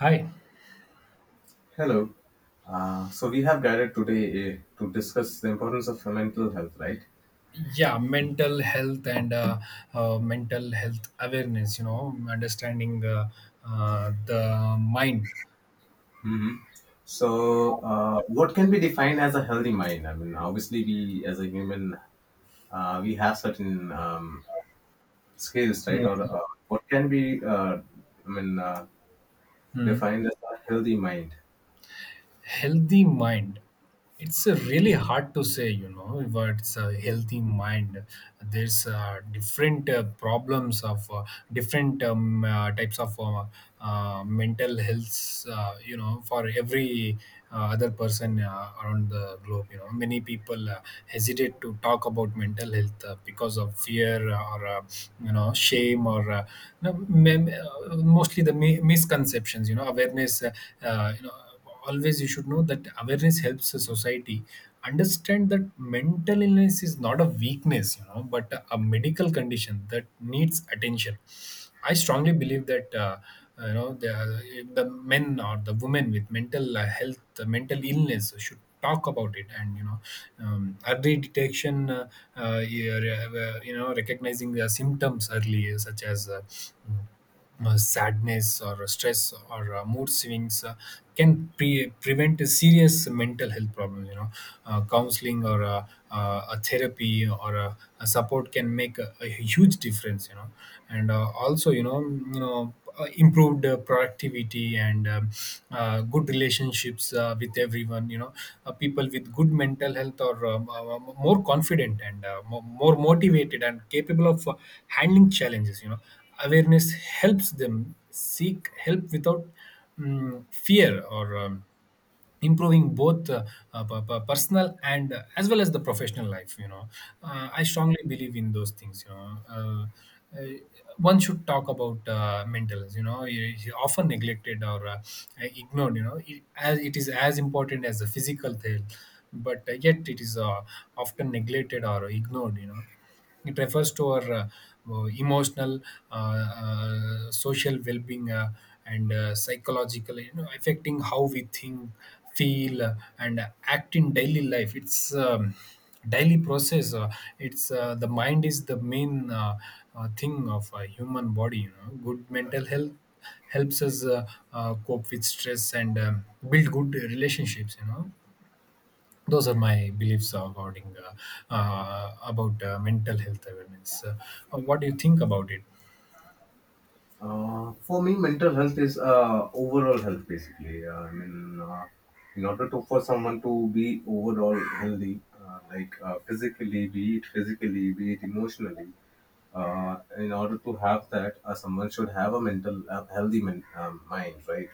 Hi. Hello. So we have gathered today to discuss the importance of mental health, right? Yeah, mental health and mental health awareness, you know, understanding the mind. Mm-hmm. So, what can be defined as a healthy mind? I mean, obviously, we as a human, we have certain skills, Hmm. right? Or what can be, I mean, uh, Hmm. defined as a healthy mind? Healthy mind, it's really hard to say, you know, what's a healthy mind. There's different problems of different types of mental health, you know, for every other person around the globe. You know, many people hesitate to talk about mental health because of fear or, you know, shame, or you know, mostly the misconceptions. You know, awareness, you know, always you should know that awareness helps the society understand that mental illness is not a weakness, you know, but a medical condition that needs attention. I strongly believe that, you know, the men or the women with mental health, mental illness, should talk about it. And you know, early detection, uh, you know, recognizing the symptoms early, such as sadness or stress or mood swings, can prevent a serious mental health problem. You know, counseling or a therapy or a support can make a huge difference. You know, and also, you know, improved productivity and good relationships with everyone. You know, people with good mental health are more confident and more motivated and capable of handling challenges. You know, awareness helps them seek help without fear or, improving both personal and as well as the professional life. You know, I strongly believe in those things. You know, uh, one should talk about mental health. You know, it is often neglected or ignored. You know it, as it is as important as the physical health, but yet it is often neglected or ignored. You know, it refers to our emotional, social well-being, and psychological, you know, affecting how we think, feel, and act in daily life. It's daily process. It's The mind is the main thing of a human body. You know, good mental health helps us cope with stress and, build good relationships. You know, those are my beliefs regarding, about mental health awareness. What do you think about it? For me, mental health is overall health basically. In order to for someone to be overall healthy, like physically, be it emotionally, in order to have that, someone should have a mental healthy mind, right?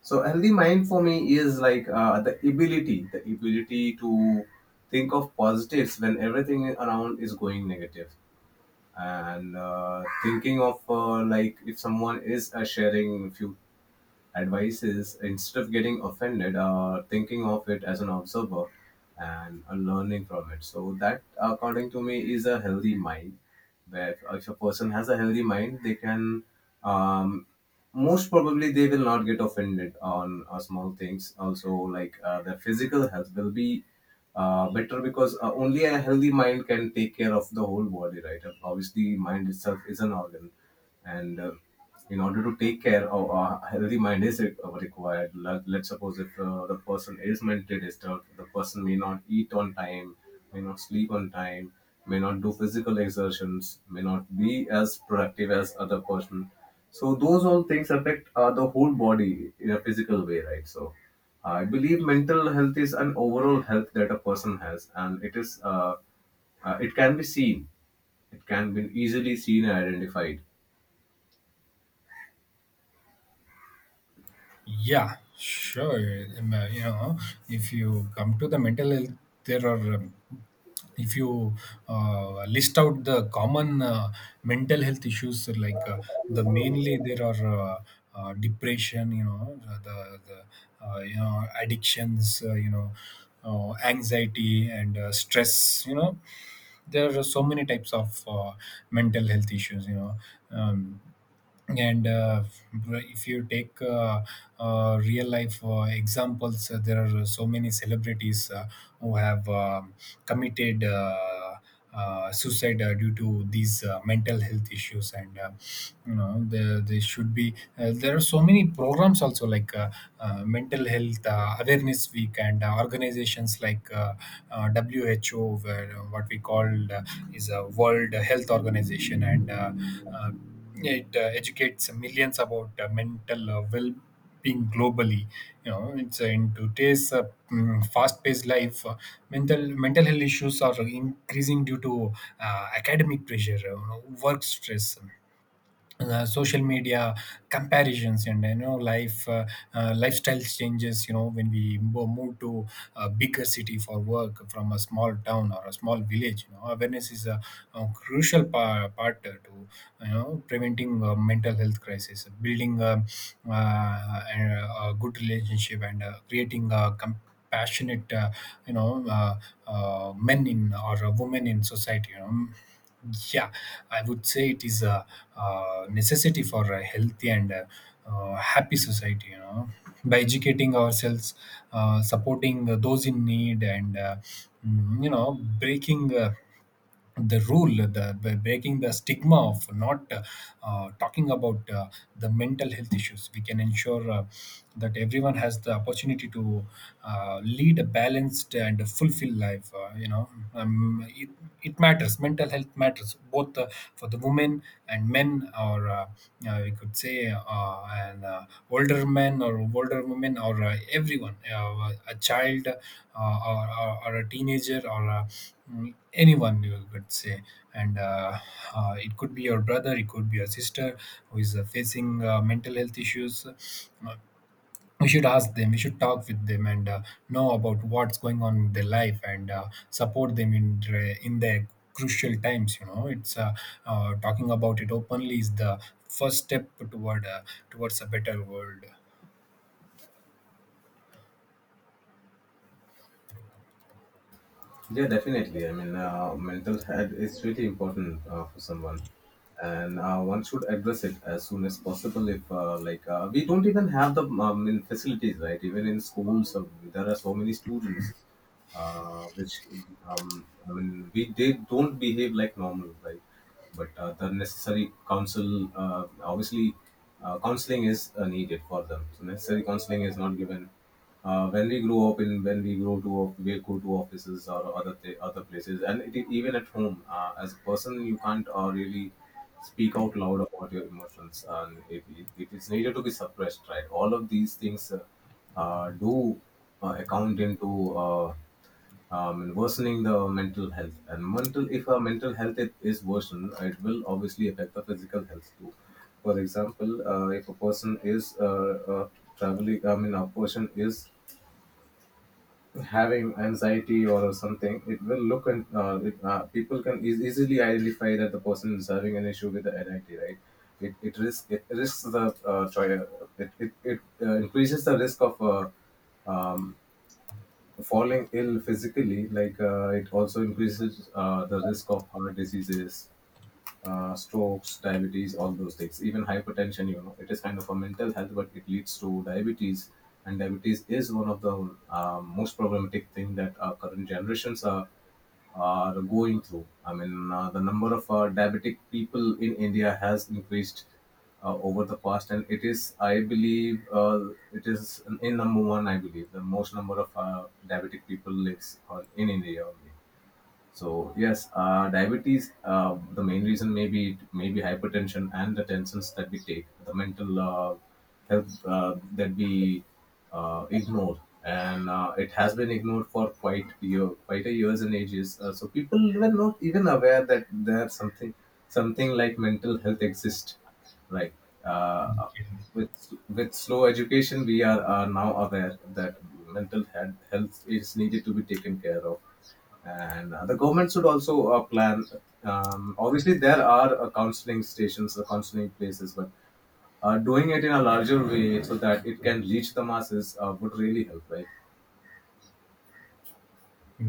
So healthy mind for me is like the ability to think of positives when everything around is going negative and thinking of like if someone is sharing few advice is instead of getting offended, thinking of it as an observer and learning from it. So that, according to me, is a healthy mind. Where if a person has a healthy mind, they can um, most probably they will not get offended on small things. Also, like their physical health will be better because only a healthy mind can take care of the whole body, right? Obviously, mind itself is an organ and in order to take care of a healthy mind is required. Let's suppose if the person is mentally disturbed, the person may not eat on time, may not sleep on time, may not do physical exertions, may not be as productive as other person. So those all things affect the whole body in a physical way, right? So I believe mental health is an overall health that a person has, and it is it can be seen, it can be easily seen and identified. Yeah, sure. You know, if you come to the mental health, there are, if you list out the common mental health issues, like the mainly there are depression, you know, the you know, addictions, you know, anxiety and stress. You know, there are so many types of mental health issues. You know, um, and if you take real life examples, there are so many celebrities who have committed suicide due to these mental health issues. And you know, there should be, there are so many programs also, like mental health awareness week, and organizations like who, where, what we call uh, is a World Health Organization. And uh, it educates millions about mental well-being globally. You know, it's in today's fast-paced life, mental health issues are increasing due to academic pressure, work stress, social media comparisons, and you know, life, lifestyle changes. You know, when we move to a bigger city for work from a small town or a small village, you know, awareness is a crucial part to, you know, preventing mental health crisis, building a good relationship and creating a compassionate, you know uh, men in or women in society. You know, yeah, I would say it is a necessity for a healthy and happy society. You know, by educating ourselves, supporting those in need, and, you know, breaking. The rule the by breaking the stigma of not talking about the mental health issues, we can ensure that everyone has the opportunity to lead a balanced and fulfilled life. You know, um, it, it matters. Mental health matters both for the women and men, or we could say an older men or older women or everyone, a child or a teenager or, anyone you could say. And it could be your brother, it could be your sister who is facing mental health issues. uh, we should ask them, we should talk with them, and know about what's going on in their life, and support them in their crucial times. You know, it's talking about it openly is the first step toward, towards a better world. Yeah, definitely. I mean, mental health is really important for someone, and one should address it as soon as possible. If like we don't even have the in facilities, right? Even in schools, there are so many students which I mean, we they don't behave like normal, right? But the necessary counsel, obviously, counseling is needed for them. So necessary counseling is not given. When we grow up in when we grow to we go to offices or other places, and even at home, as a person, you can't really speak out loud about your emotions, and it is needed to be suppressed, right? All of these things. Do account into worsening the mental health. And mental, if our mental health it is worsened, it will obviously affect the physical health too. For example, if a person is uh, traveling, I mean, a person is having anxiety or something, it will look and people can easily identify that the person is having an issue with the anxiety, right? It risks the choi- it increases the risk of um, falling ill physically. Like it also increases the risk of heart diseases, strokes, diabetes, all those things, even hypertension, you know, it is kind of a mental health, but it leads to diabetes. And diabetes is one of the most problematic thing that our current generations are going through. I mean, the number of diabetic people in India has increased over the past, and it is, I believe, it is in number one. I believe the most number of diabetic people lives on, in India only. So yes, diabetes. The main reason may be maybe hypertension and the tensions that we take, the mental health that we ignore, and it has been ignored for quite a years and ages. So people were not even aware that there's something like mental health exists, right? Uh, with with slow education, we are now aware that mental health is needed to be taken care of, and the government should also plan. Obviously there are counseling stations or counseling places, but doing it in a larger way so that it can reach the masses would really help, right?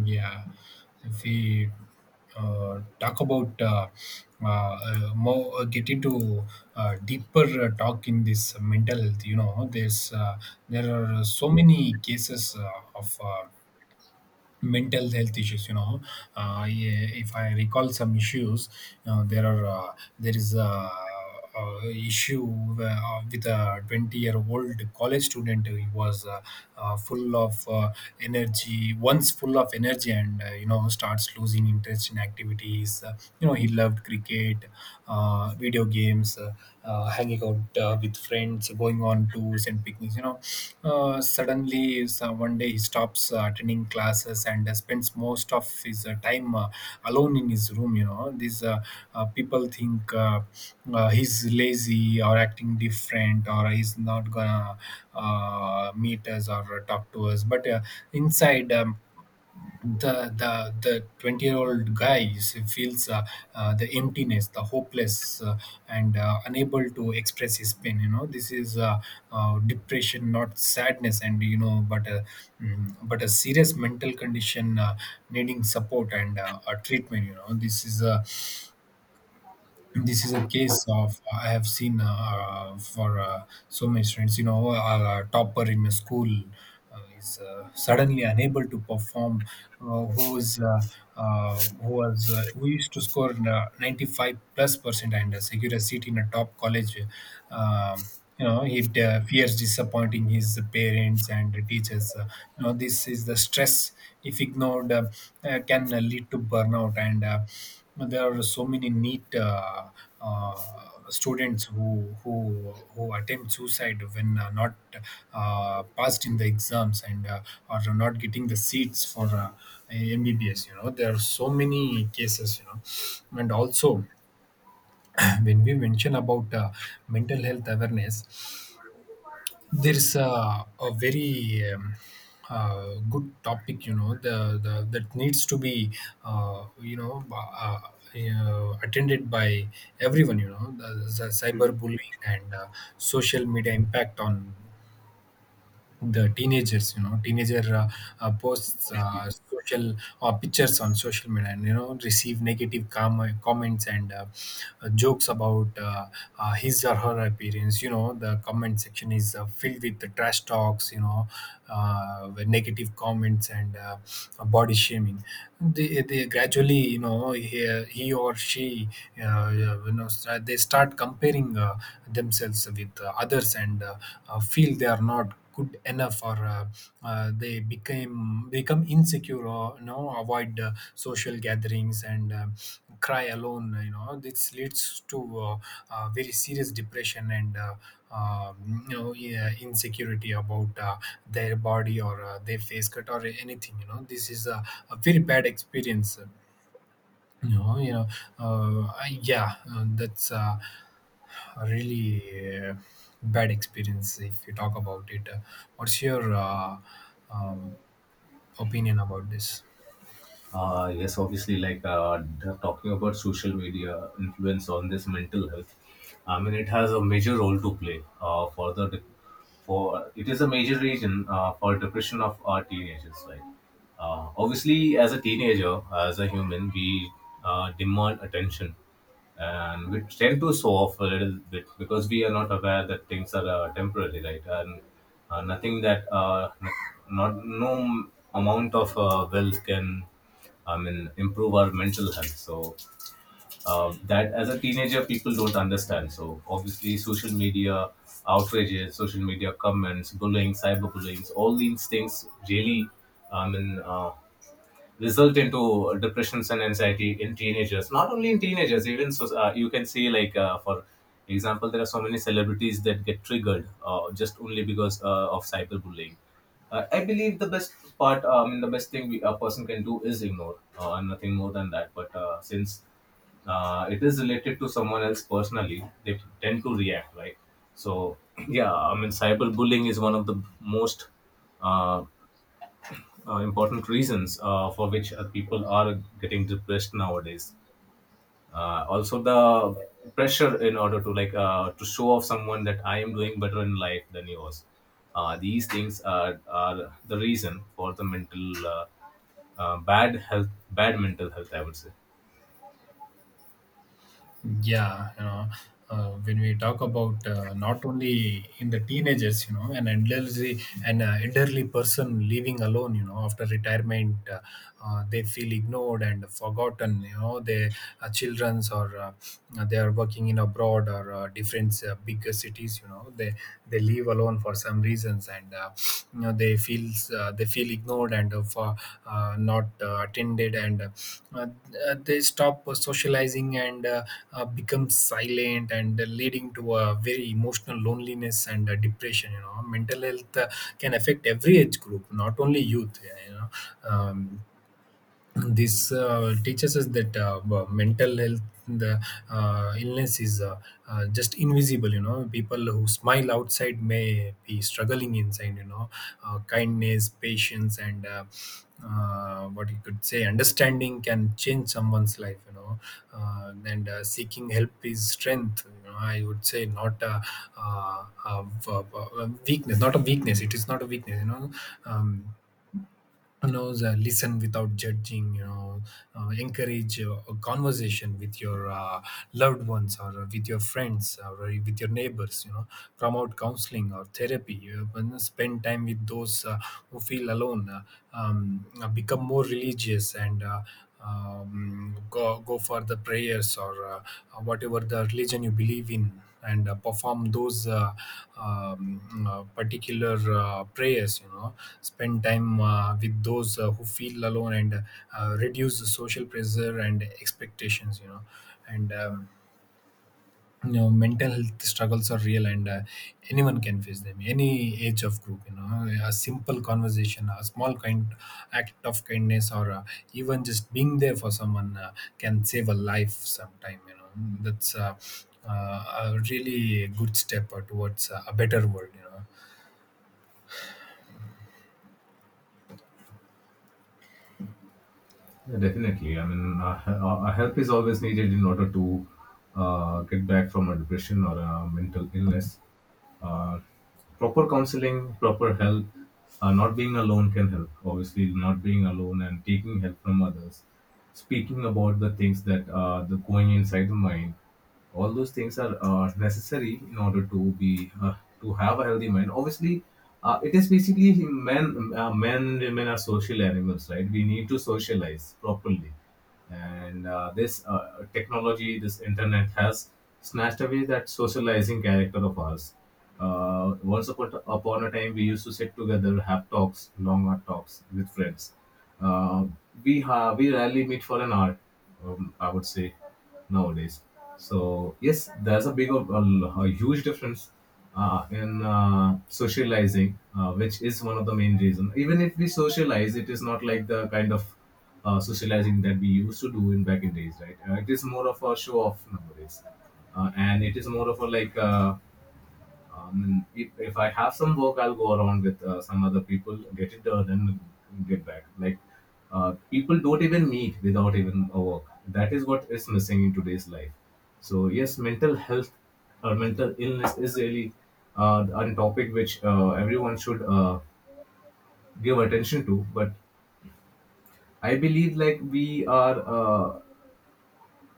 Yeah, if we uh, talk about more, get into deeper talk in this mental health. You know, there are so many cases of mental health issues. You know, yeah, if I recall some issues, you know, there are, there is a issue where, with a 20-year-old college student who was, full of energy once, full of energy, and you know, starts losing interest in activities. You know, he loved cricket, video games, hanging out with friends, going on tours and picnics. You know, suddenly one day he stops attending classes and spends most of his time alone in his room. You know, these people think he's lazy or acting different, or he's not gonna meet us or talk to us, but inside, the 20-year-old guy feels the emptiness, the hopeless, and unable to express his pain. You know, this is depression, not sadness. And you know, but a serious mental condition needing support and a treatment. You know, this is a case of, I have seen for so many students. You know, a topper in a school is suddenly unable to perform. Uh, who was uh, who used to score 95 plus percent and secure a seat in a top college. um you know, he fears disappointing his parents and teachers. You know, this is the stress. If ignored, can lead to burnout. And there are so many neat, uh, students who attempt suicide when not passed in the exams and are not getting the seats for MBBS. You know, there are so many cases. You know, and also when we mention about mental health awareness, there is a very good topic. You know, the that needs to be uh, you know uh, attended by everyone. You know, the cyber and social media impact on the teenagers. You know, teenager, posts social pictures on social media, and you know, receive negative comments and jokes about his or her appearance. You know, the comment section is filled with the trash talks. You know, with negative comments and body shaming, they gradually, you know, he or she, uh, you know, they start comparing themselves with others, and feel they are not good enough or they became become insecure, or you know, avoid social gatherings and cry alone. You know, this leads to very serious depression and uh, yeah, insecurity about their body or their face cut or anything. You know, this is a very bad experience. No, you know, yeah, that's a really bad experience if you talk about it. What's your, um, opinion about this? Yes, obviously, like talking about social media influence on this mental health, I mean, it has a major role to play for it is a major reason for depression of our teenagers. Like, obviously, as a teenager, as a human, we demand attention, and we tend to show off a little bit because we are not aware that things are temporary, right? And nothing that n- not no amount of wealth can, I mean, improve our mental health. So that as a teenager, people don't understand. So obviously, social media outrages, social media comments, bullying, cyberbullying, all these things really, I mean, result into depressions and anxiety in teenagers, not only in teenagers even. So you can see like for example there are so many celebrities that get triggered just only because of cyberbullying. I believe the best thing we, a person can do is ignore and nothing more than that, but since it is related to someone else personally, they tend to react, right? So yeah, I mean, cyberbullying is one of the most uh, important reasons for which people are getting depressed nowadays. Also, the pressure in order to like to show off someone that I am doing better in life than yours. These things are the reason for the mental bad health, bad mental health. I would say. Yeah, you know, when we talk about not only in the teenagers, you know, an elderly an elderly person living alone, you know, after retirement, they feel ignored and forgotten, you know, they are children's or they are working in abroad or different bigger cities, you know, they live alone down for some reasons. And uh, you know they feel ignored and not attended, and uh, they stop socializing, and become silent, and leading to a very emotional loneliness and depression. You know, mental health can affect every age group, not only youth. Yeah, you know, um, this teaches us that, well, mental health, the illness, is just invisible. You know, people who smile outside may be struggling inside. You know, kindness, patience, and what you could say, understanding, can change someone's life. You know, and seeking help is strength, you know. I would say, not uh, a, a, a weakness. Not a weakness. It is not a weakness, you know. um, you know, the listen without judging, you know, encourage a conversation with your loved ones, or with your friends, or with your neighbors, you know. Promote counseling or therapy, you know. Spend time with those who feel alone. Become more religious, and go for the prayers, or whatever the religion you believe in, and perform those particular prayers, you know. Spend time with those who feel alone, and reduce the social pressure and expectations, you know. And You know, mental health struggles are real, and anyone can face them, any age of group, you know. A simple conversation, a small kind act of kindness, or even just being there for someone, can save a life sometime, you know. That's a really good step towards a better world, you know. Yeah, definitely. I mean, help is always needed in order to get back from a depression or a mental illness. Uh, Proper counseling, proper help, not being alone can help. Obviously, not being alone and taking help from others, speaking about the things that are the going inside the mind, all those things are necessary in order to be to have a healthy mind. Obviously, it is basically men and women are social animals, right? We need to socialize properly, and this technology, this internet, has snatched away that socializing character of ours. Once upon a time we used to sit together, have talks, long talks with friends. uh, we rarely meet for an hour, I would say, nowadays. So yes, there's a big, of- a, l- a huge difference in socializing, which is one of the main reason. Even if we socialize, it is not like the kind of socializing that we used to do in back in days, right? It is more of a show off nowadays, and it is more of a like. If I have some work, I'll go around with some other people, get it done, and get back. Like people don't even meet without even a work. That is what is missing in today's life. So yes, mental health or mental illness is really a topic which everyone should give attention to. But I believe like we are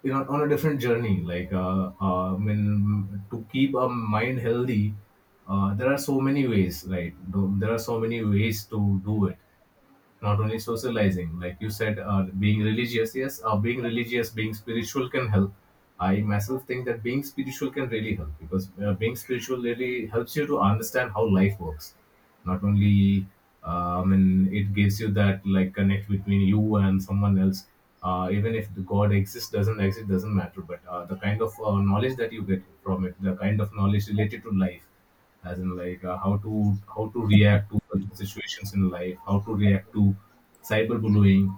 you know, on a different journey. Like I mean, to keep a mind healthy, there are so many ways, right? There are so many ways to do it, not only socializing. Like you said, being religious, yes, being religious, being spiritual can help. I myself think that being spiritual can really help, because being spiritual really helps you to understand how life works. Not only I mean, it gives you that like connect between you and someone else. Even if the god exists, doesn't exist, doesn't matter, but the kind of knowledge that you get from it, the kind of knowledge related to life, as in like how to react to such situations in life, how to react to cyberbullying,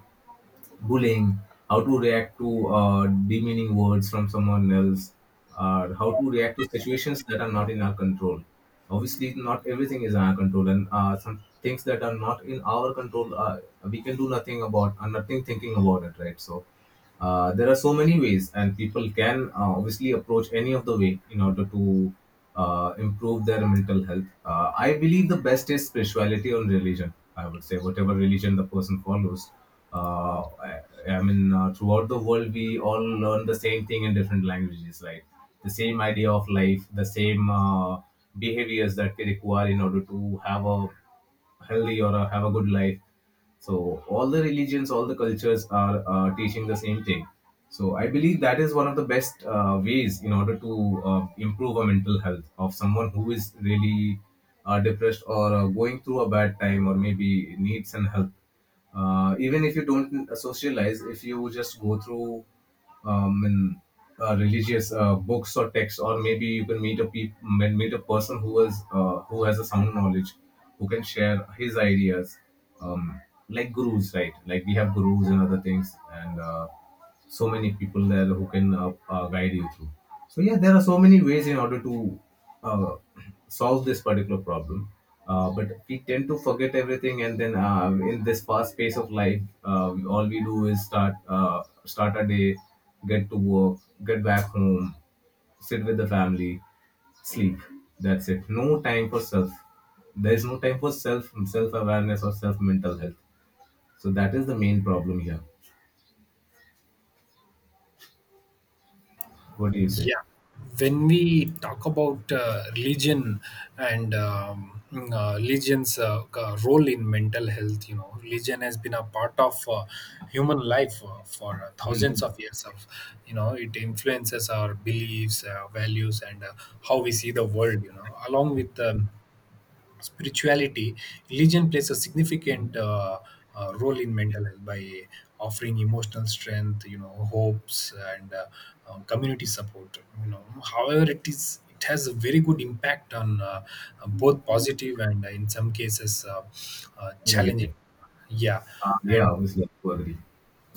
bullying, how to react to demeaning words from someone else, how to react to situations that are not in our control. Obviously, not everything is in our control, and some things that are not in our control, we can do nothing about, nothing thinking about it, right? So. There are so many ways, and people can obviously approach any of the way in order to improve their mental health. I believe the best is spirituality or religion. I would say whatever religion the person follows. Uh, I, I mean, throughout the world, we all learn the same thing in different languages, right? The same idea of life, the same behaviors that we require in order to have a healthy or have a good life. So all the religions, all the cultures are teaching the same thing. So I believe that is one of the best ways in order to improve a mental health of someone who is really depressed or going through a bad time or maybe needs some help even if you don't socialize if you just go through um, in, religious books or texts or maybe you can meet a meet a person who is who has a sound knowledge who can share his ideas um, like gurus, right? Like we have gurus and other things, and so many people there who can guide you through. So yeah, there are so many ways in order to uh, solve this particular problem. But we tend to forget everything, and then in this fast pace of life, all we do is start a day, get to work, get back home, sit with the family, sleep. That's it. No time for self. There is no time for self awareness or self mental health. So that is the main problem here. What do you say? Yeah, when we talk about religion and religion's role in mental health, you know, religion has been a part of human life for thousands Mhm. of years. Of You know, it influences our beliefs, values, and how we see the world. You know, along with spirituality, religion plays a significant role in mental health by offering emotional strength, you know, hopes, and community support, you know. However, it has a very good impact on, both positive and, in some cases, challenging. Negative. Yeah. And Yeah, obviously, I do agree.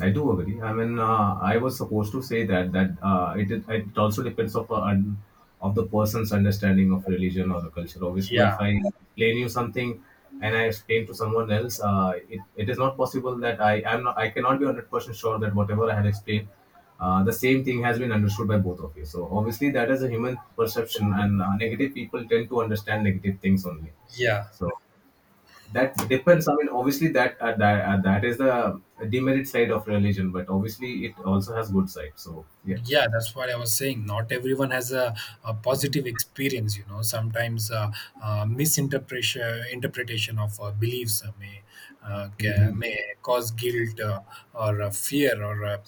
I do agree. I mean, I was supposed to say that it is- it also depends of of the person's understanding of religion or the culture. Obviously, if yeah. I explain you something and I explain to someone else, it is not possible that I am not I cannot be 100% sure that whatever I had explained, the same thing has been understood by both of you. So obviously, that is a human perception, and negative people tend to understand negative things only. yeah So that depends. I mean, obviously, that is the demerit side of religion, but obviously it also has good side, so yeah. yeah that's what I was saying. Not everyone has a positive experience, you know. Sometimes misinterpretation interpretation of beliefs Mhm. may cause guilt, or fear, or uh,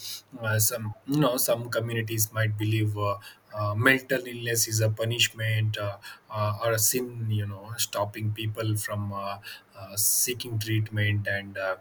uh, some, you know, some communities might believe mental illness is a punishment, or a sin, you know, stopping people from seeking treatment, and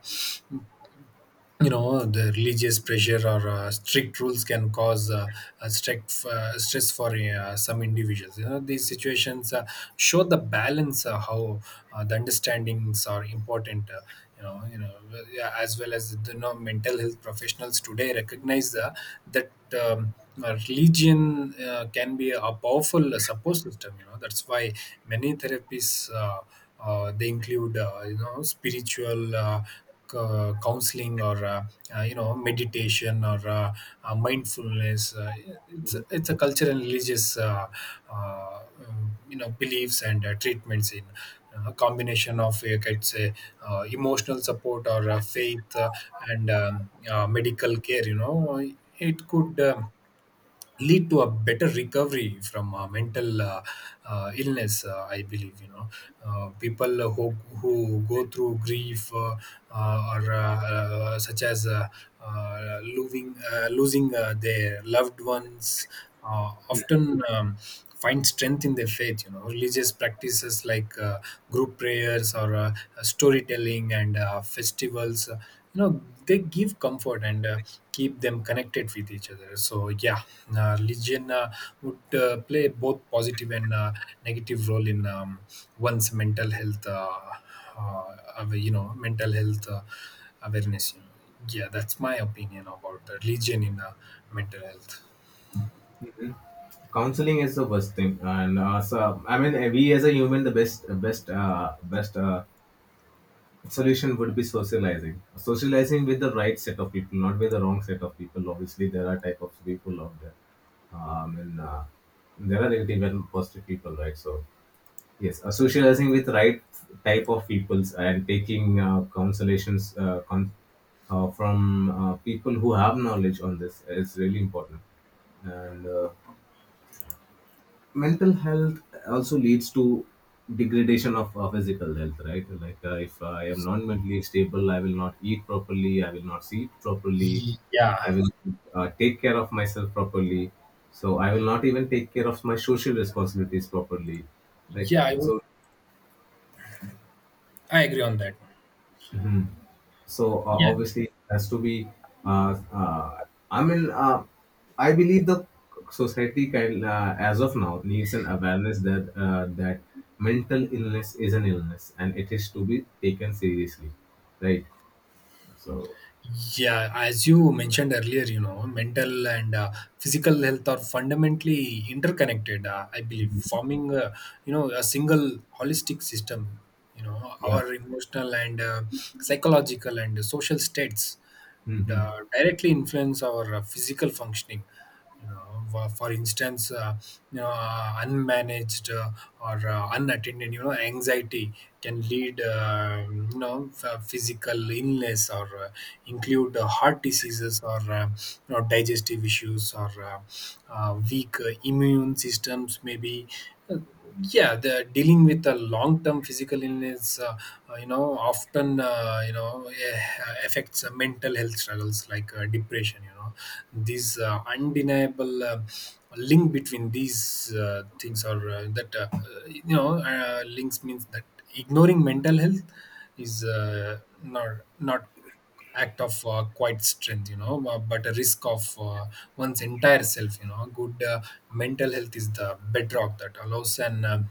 you know, the religious pressure or strict rules can cause a strict stress for some individuals, you know. These situations show the balance how the understandings are important, you know. Well, yeah, as well as the, you know, mental health professionals today recognize that um, religion can be a powerful support system, you know. That's why many therapies, they include, you know, spiritual counseling, or you know, meditation, or mindfulness. It's a cultural and religious uh, you know, beliefs and treatments in a combination of, I'd say, emotional support or faith, and medical care, you know. It could lead to a better recovery from mental illness, I believe, you know. People who go through grief, or such as losing their loved ones, often find strength in their faith, you know. Religious practices like group prayers, or storytelling and festivals, you know, they give comfort, and keep them connected with each other. So yeah, religion would play both positive and negative role in one's mental health, uh, you know, mental health awareness, you know. Yeah, that's my opinion about the religion in mental health. Counseling is the worst thing, and so I mean, we as a human, the best solution would be socializing with the right set of people, not with the wrong set of people. Obviously, there are type of people out there, and there are negative and positive people, right? So yes, socializing with right type of peoples and taking consolations from people who have knowledge on this is really important. And mental health also leads to degradation of physical health, right? Like if I am not mentally stable, I will not eat properly, I will not sleep properly, I Yeah. will take care of myself properly. So I will not even take care of my social responsibilities properly. Like Yeah, I would. so, I agree on that. So Yeah. obviously, it has to be. Uh, uh, I mean, I believe the society kind as of now, needs an awareness that mental illness is an illness and it is to be taken seriously, right? So Yeah, as you mentioned earlier, you know, mental and physical health are fundamentally interconnected. I believe forming, you know, a single holistic system. You know, yeah. our emotional and psychological and social states Hmm. Directly influence our physical functioning, you know. For instance, you know, unmanaged or unattended, you know, anxiety can lead, you know, physical illness, or include heart diseases, or you know, digestive issues, or weak immune systems, maybe. Uh, yeah, they're dealing with a long-term physical illness, you know, often you know, eh, affects mental health struggles like depression, you know. These undeniable link between these things, or that you know, links means that ignoring mental health is, not not act of quite strength, you know, but a risk of one's entire self, you know. Good mental health is the bedrock that allows an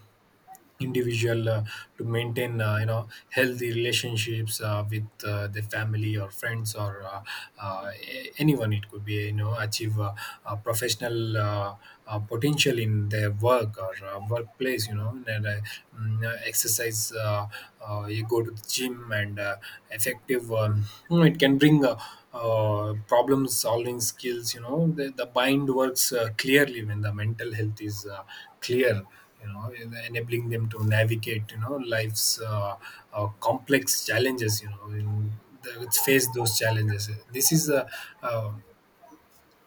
individual to maintain, you know, healthy relationships with the family, or friends, or anyone, it could be, you know, achieve professional potential in their work, or workplace exercise, you know. And mm, exercise You go to the gym, and effective, you, it can bring problem solving skills, you know. The mind works clearly when the mental health is clear, you know, enabling them to navigate, you know, life's complex challenges, you know, in face those challenges. Uh,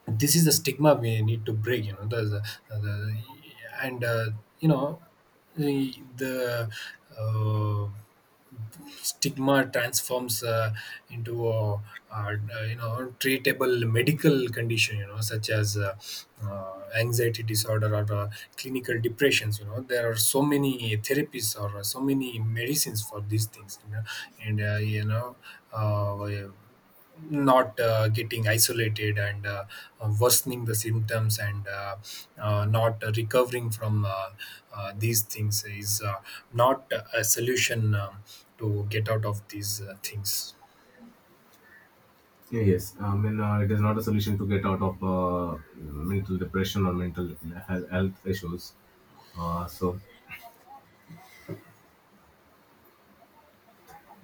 this is the stigma we need to break, you know, the and you know, the uh, stigma transforms into a, uh you know, treatable medical condition, you know, such as anxiety disorder, or clinical depressions, you know. There are so many therapies, or so many medicines for these things, you know. and uh, you know uh, Not getting isolated, and worsening the symptoms, and not recovering from these things is, not a solution to get out of these things. Yeah, yes, I mean, it is not a solution to get out of mental depression or mental health issues. Uh, so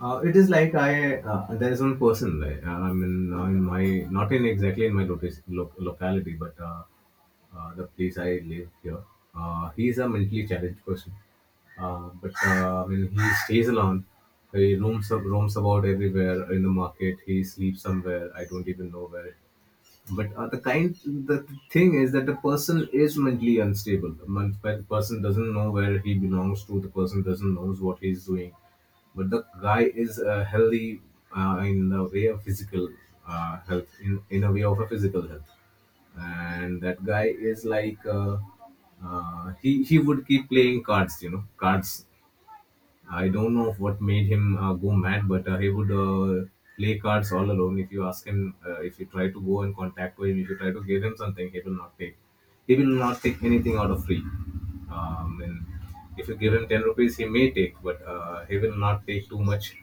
It is like I there is one person, like, in my, not in exactly in my locality, but the place I live here, he is a mentally challenged person. But I mean, he stays alone. He roams about everywhere in the market. He sleeps somewhere, I don't even know where, but the thing is that the person is mentally unstable. The the person doesn't know where he belongs to. The person doesn't knows what he's doing. But the guy is healthy in the way of physical health, in a way of a physical health, and that guy is like he would keep playing cards. You know, cards, I don't know what made him go mad, but he would play cards all alone. If you ask him, if you try to go in contact with him, if you try to give him something, he will not take. He will not take anything out of free. And if you give him 10 rupees, he may take, but he will not take too much.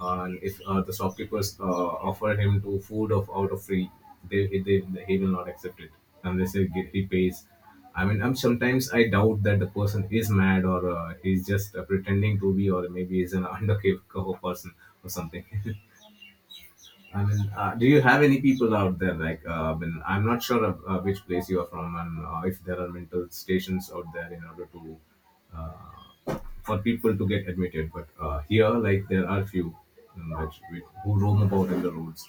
And if the shopkeepers offer him to food of out of free, he will not accept it unless he pays. I mean, I'm sometimes I doubt that the person is mad, or he's just pretending to be, or maybe he's an undercover person or something. I mean, do you have any people out there? Like, I'm not sure of, which place you are from, and if there are mental stations out there in order to uh, for people to get admitted. But here, like, there are few who roam about in the roads.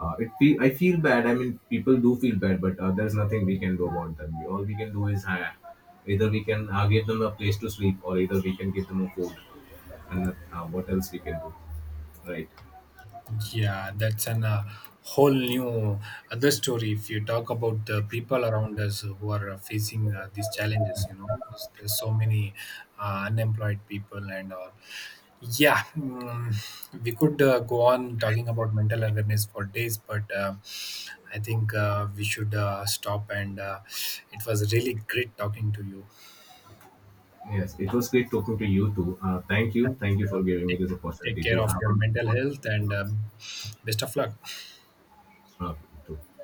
I feel bad. I mean, people do feel bad, but there's nothing we can do about them. All we can do is either we can give them a place to sleep, or either we can give them a food, and what else we can do, right? Yeah, that's an, whole new other story. If you talk about the people around us who are facing these challenges, you know, there's so many unemployed people, and yeah, we could go on talking about mental awareness for days, but I think we should stop. And It was really great talking to you. Yes, it was great talking to you too. Thank you. Thank you for giving me Take, this Take opportunity care to of have a, your mental health, and best of luck. uh, to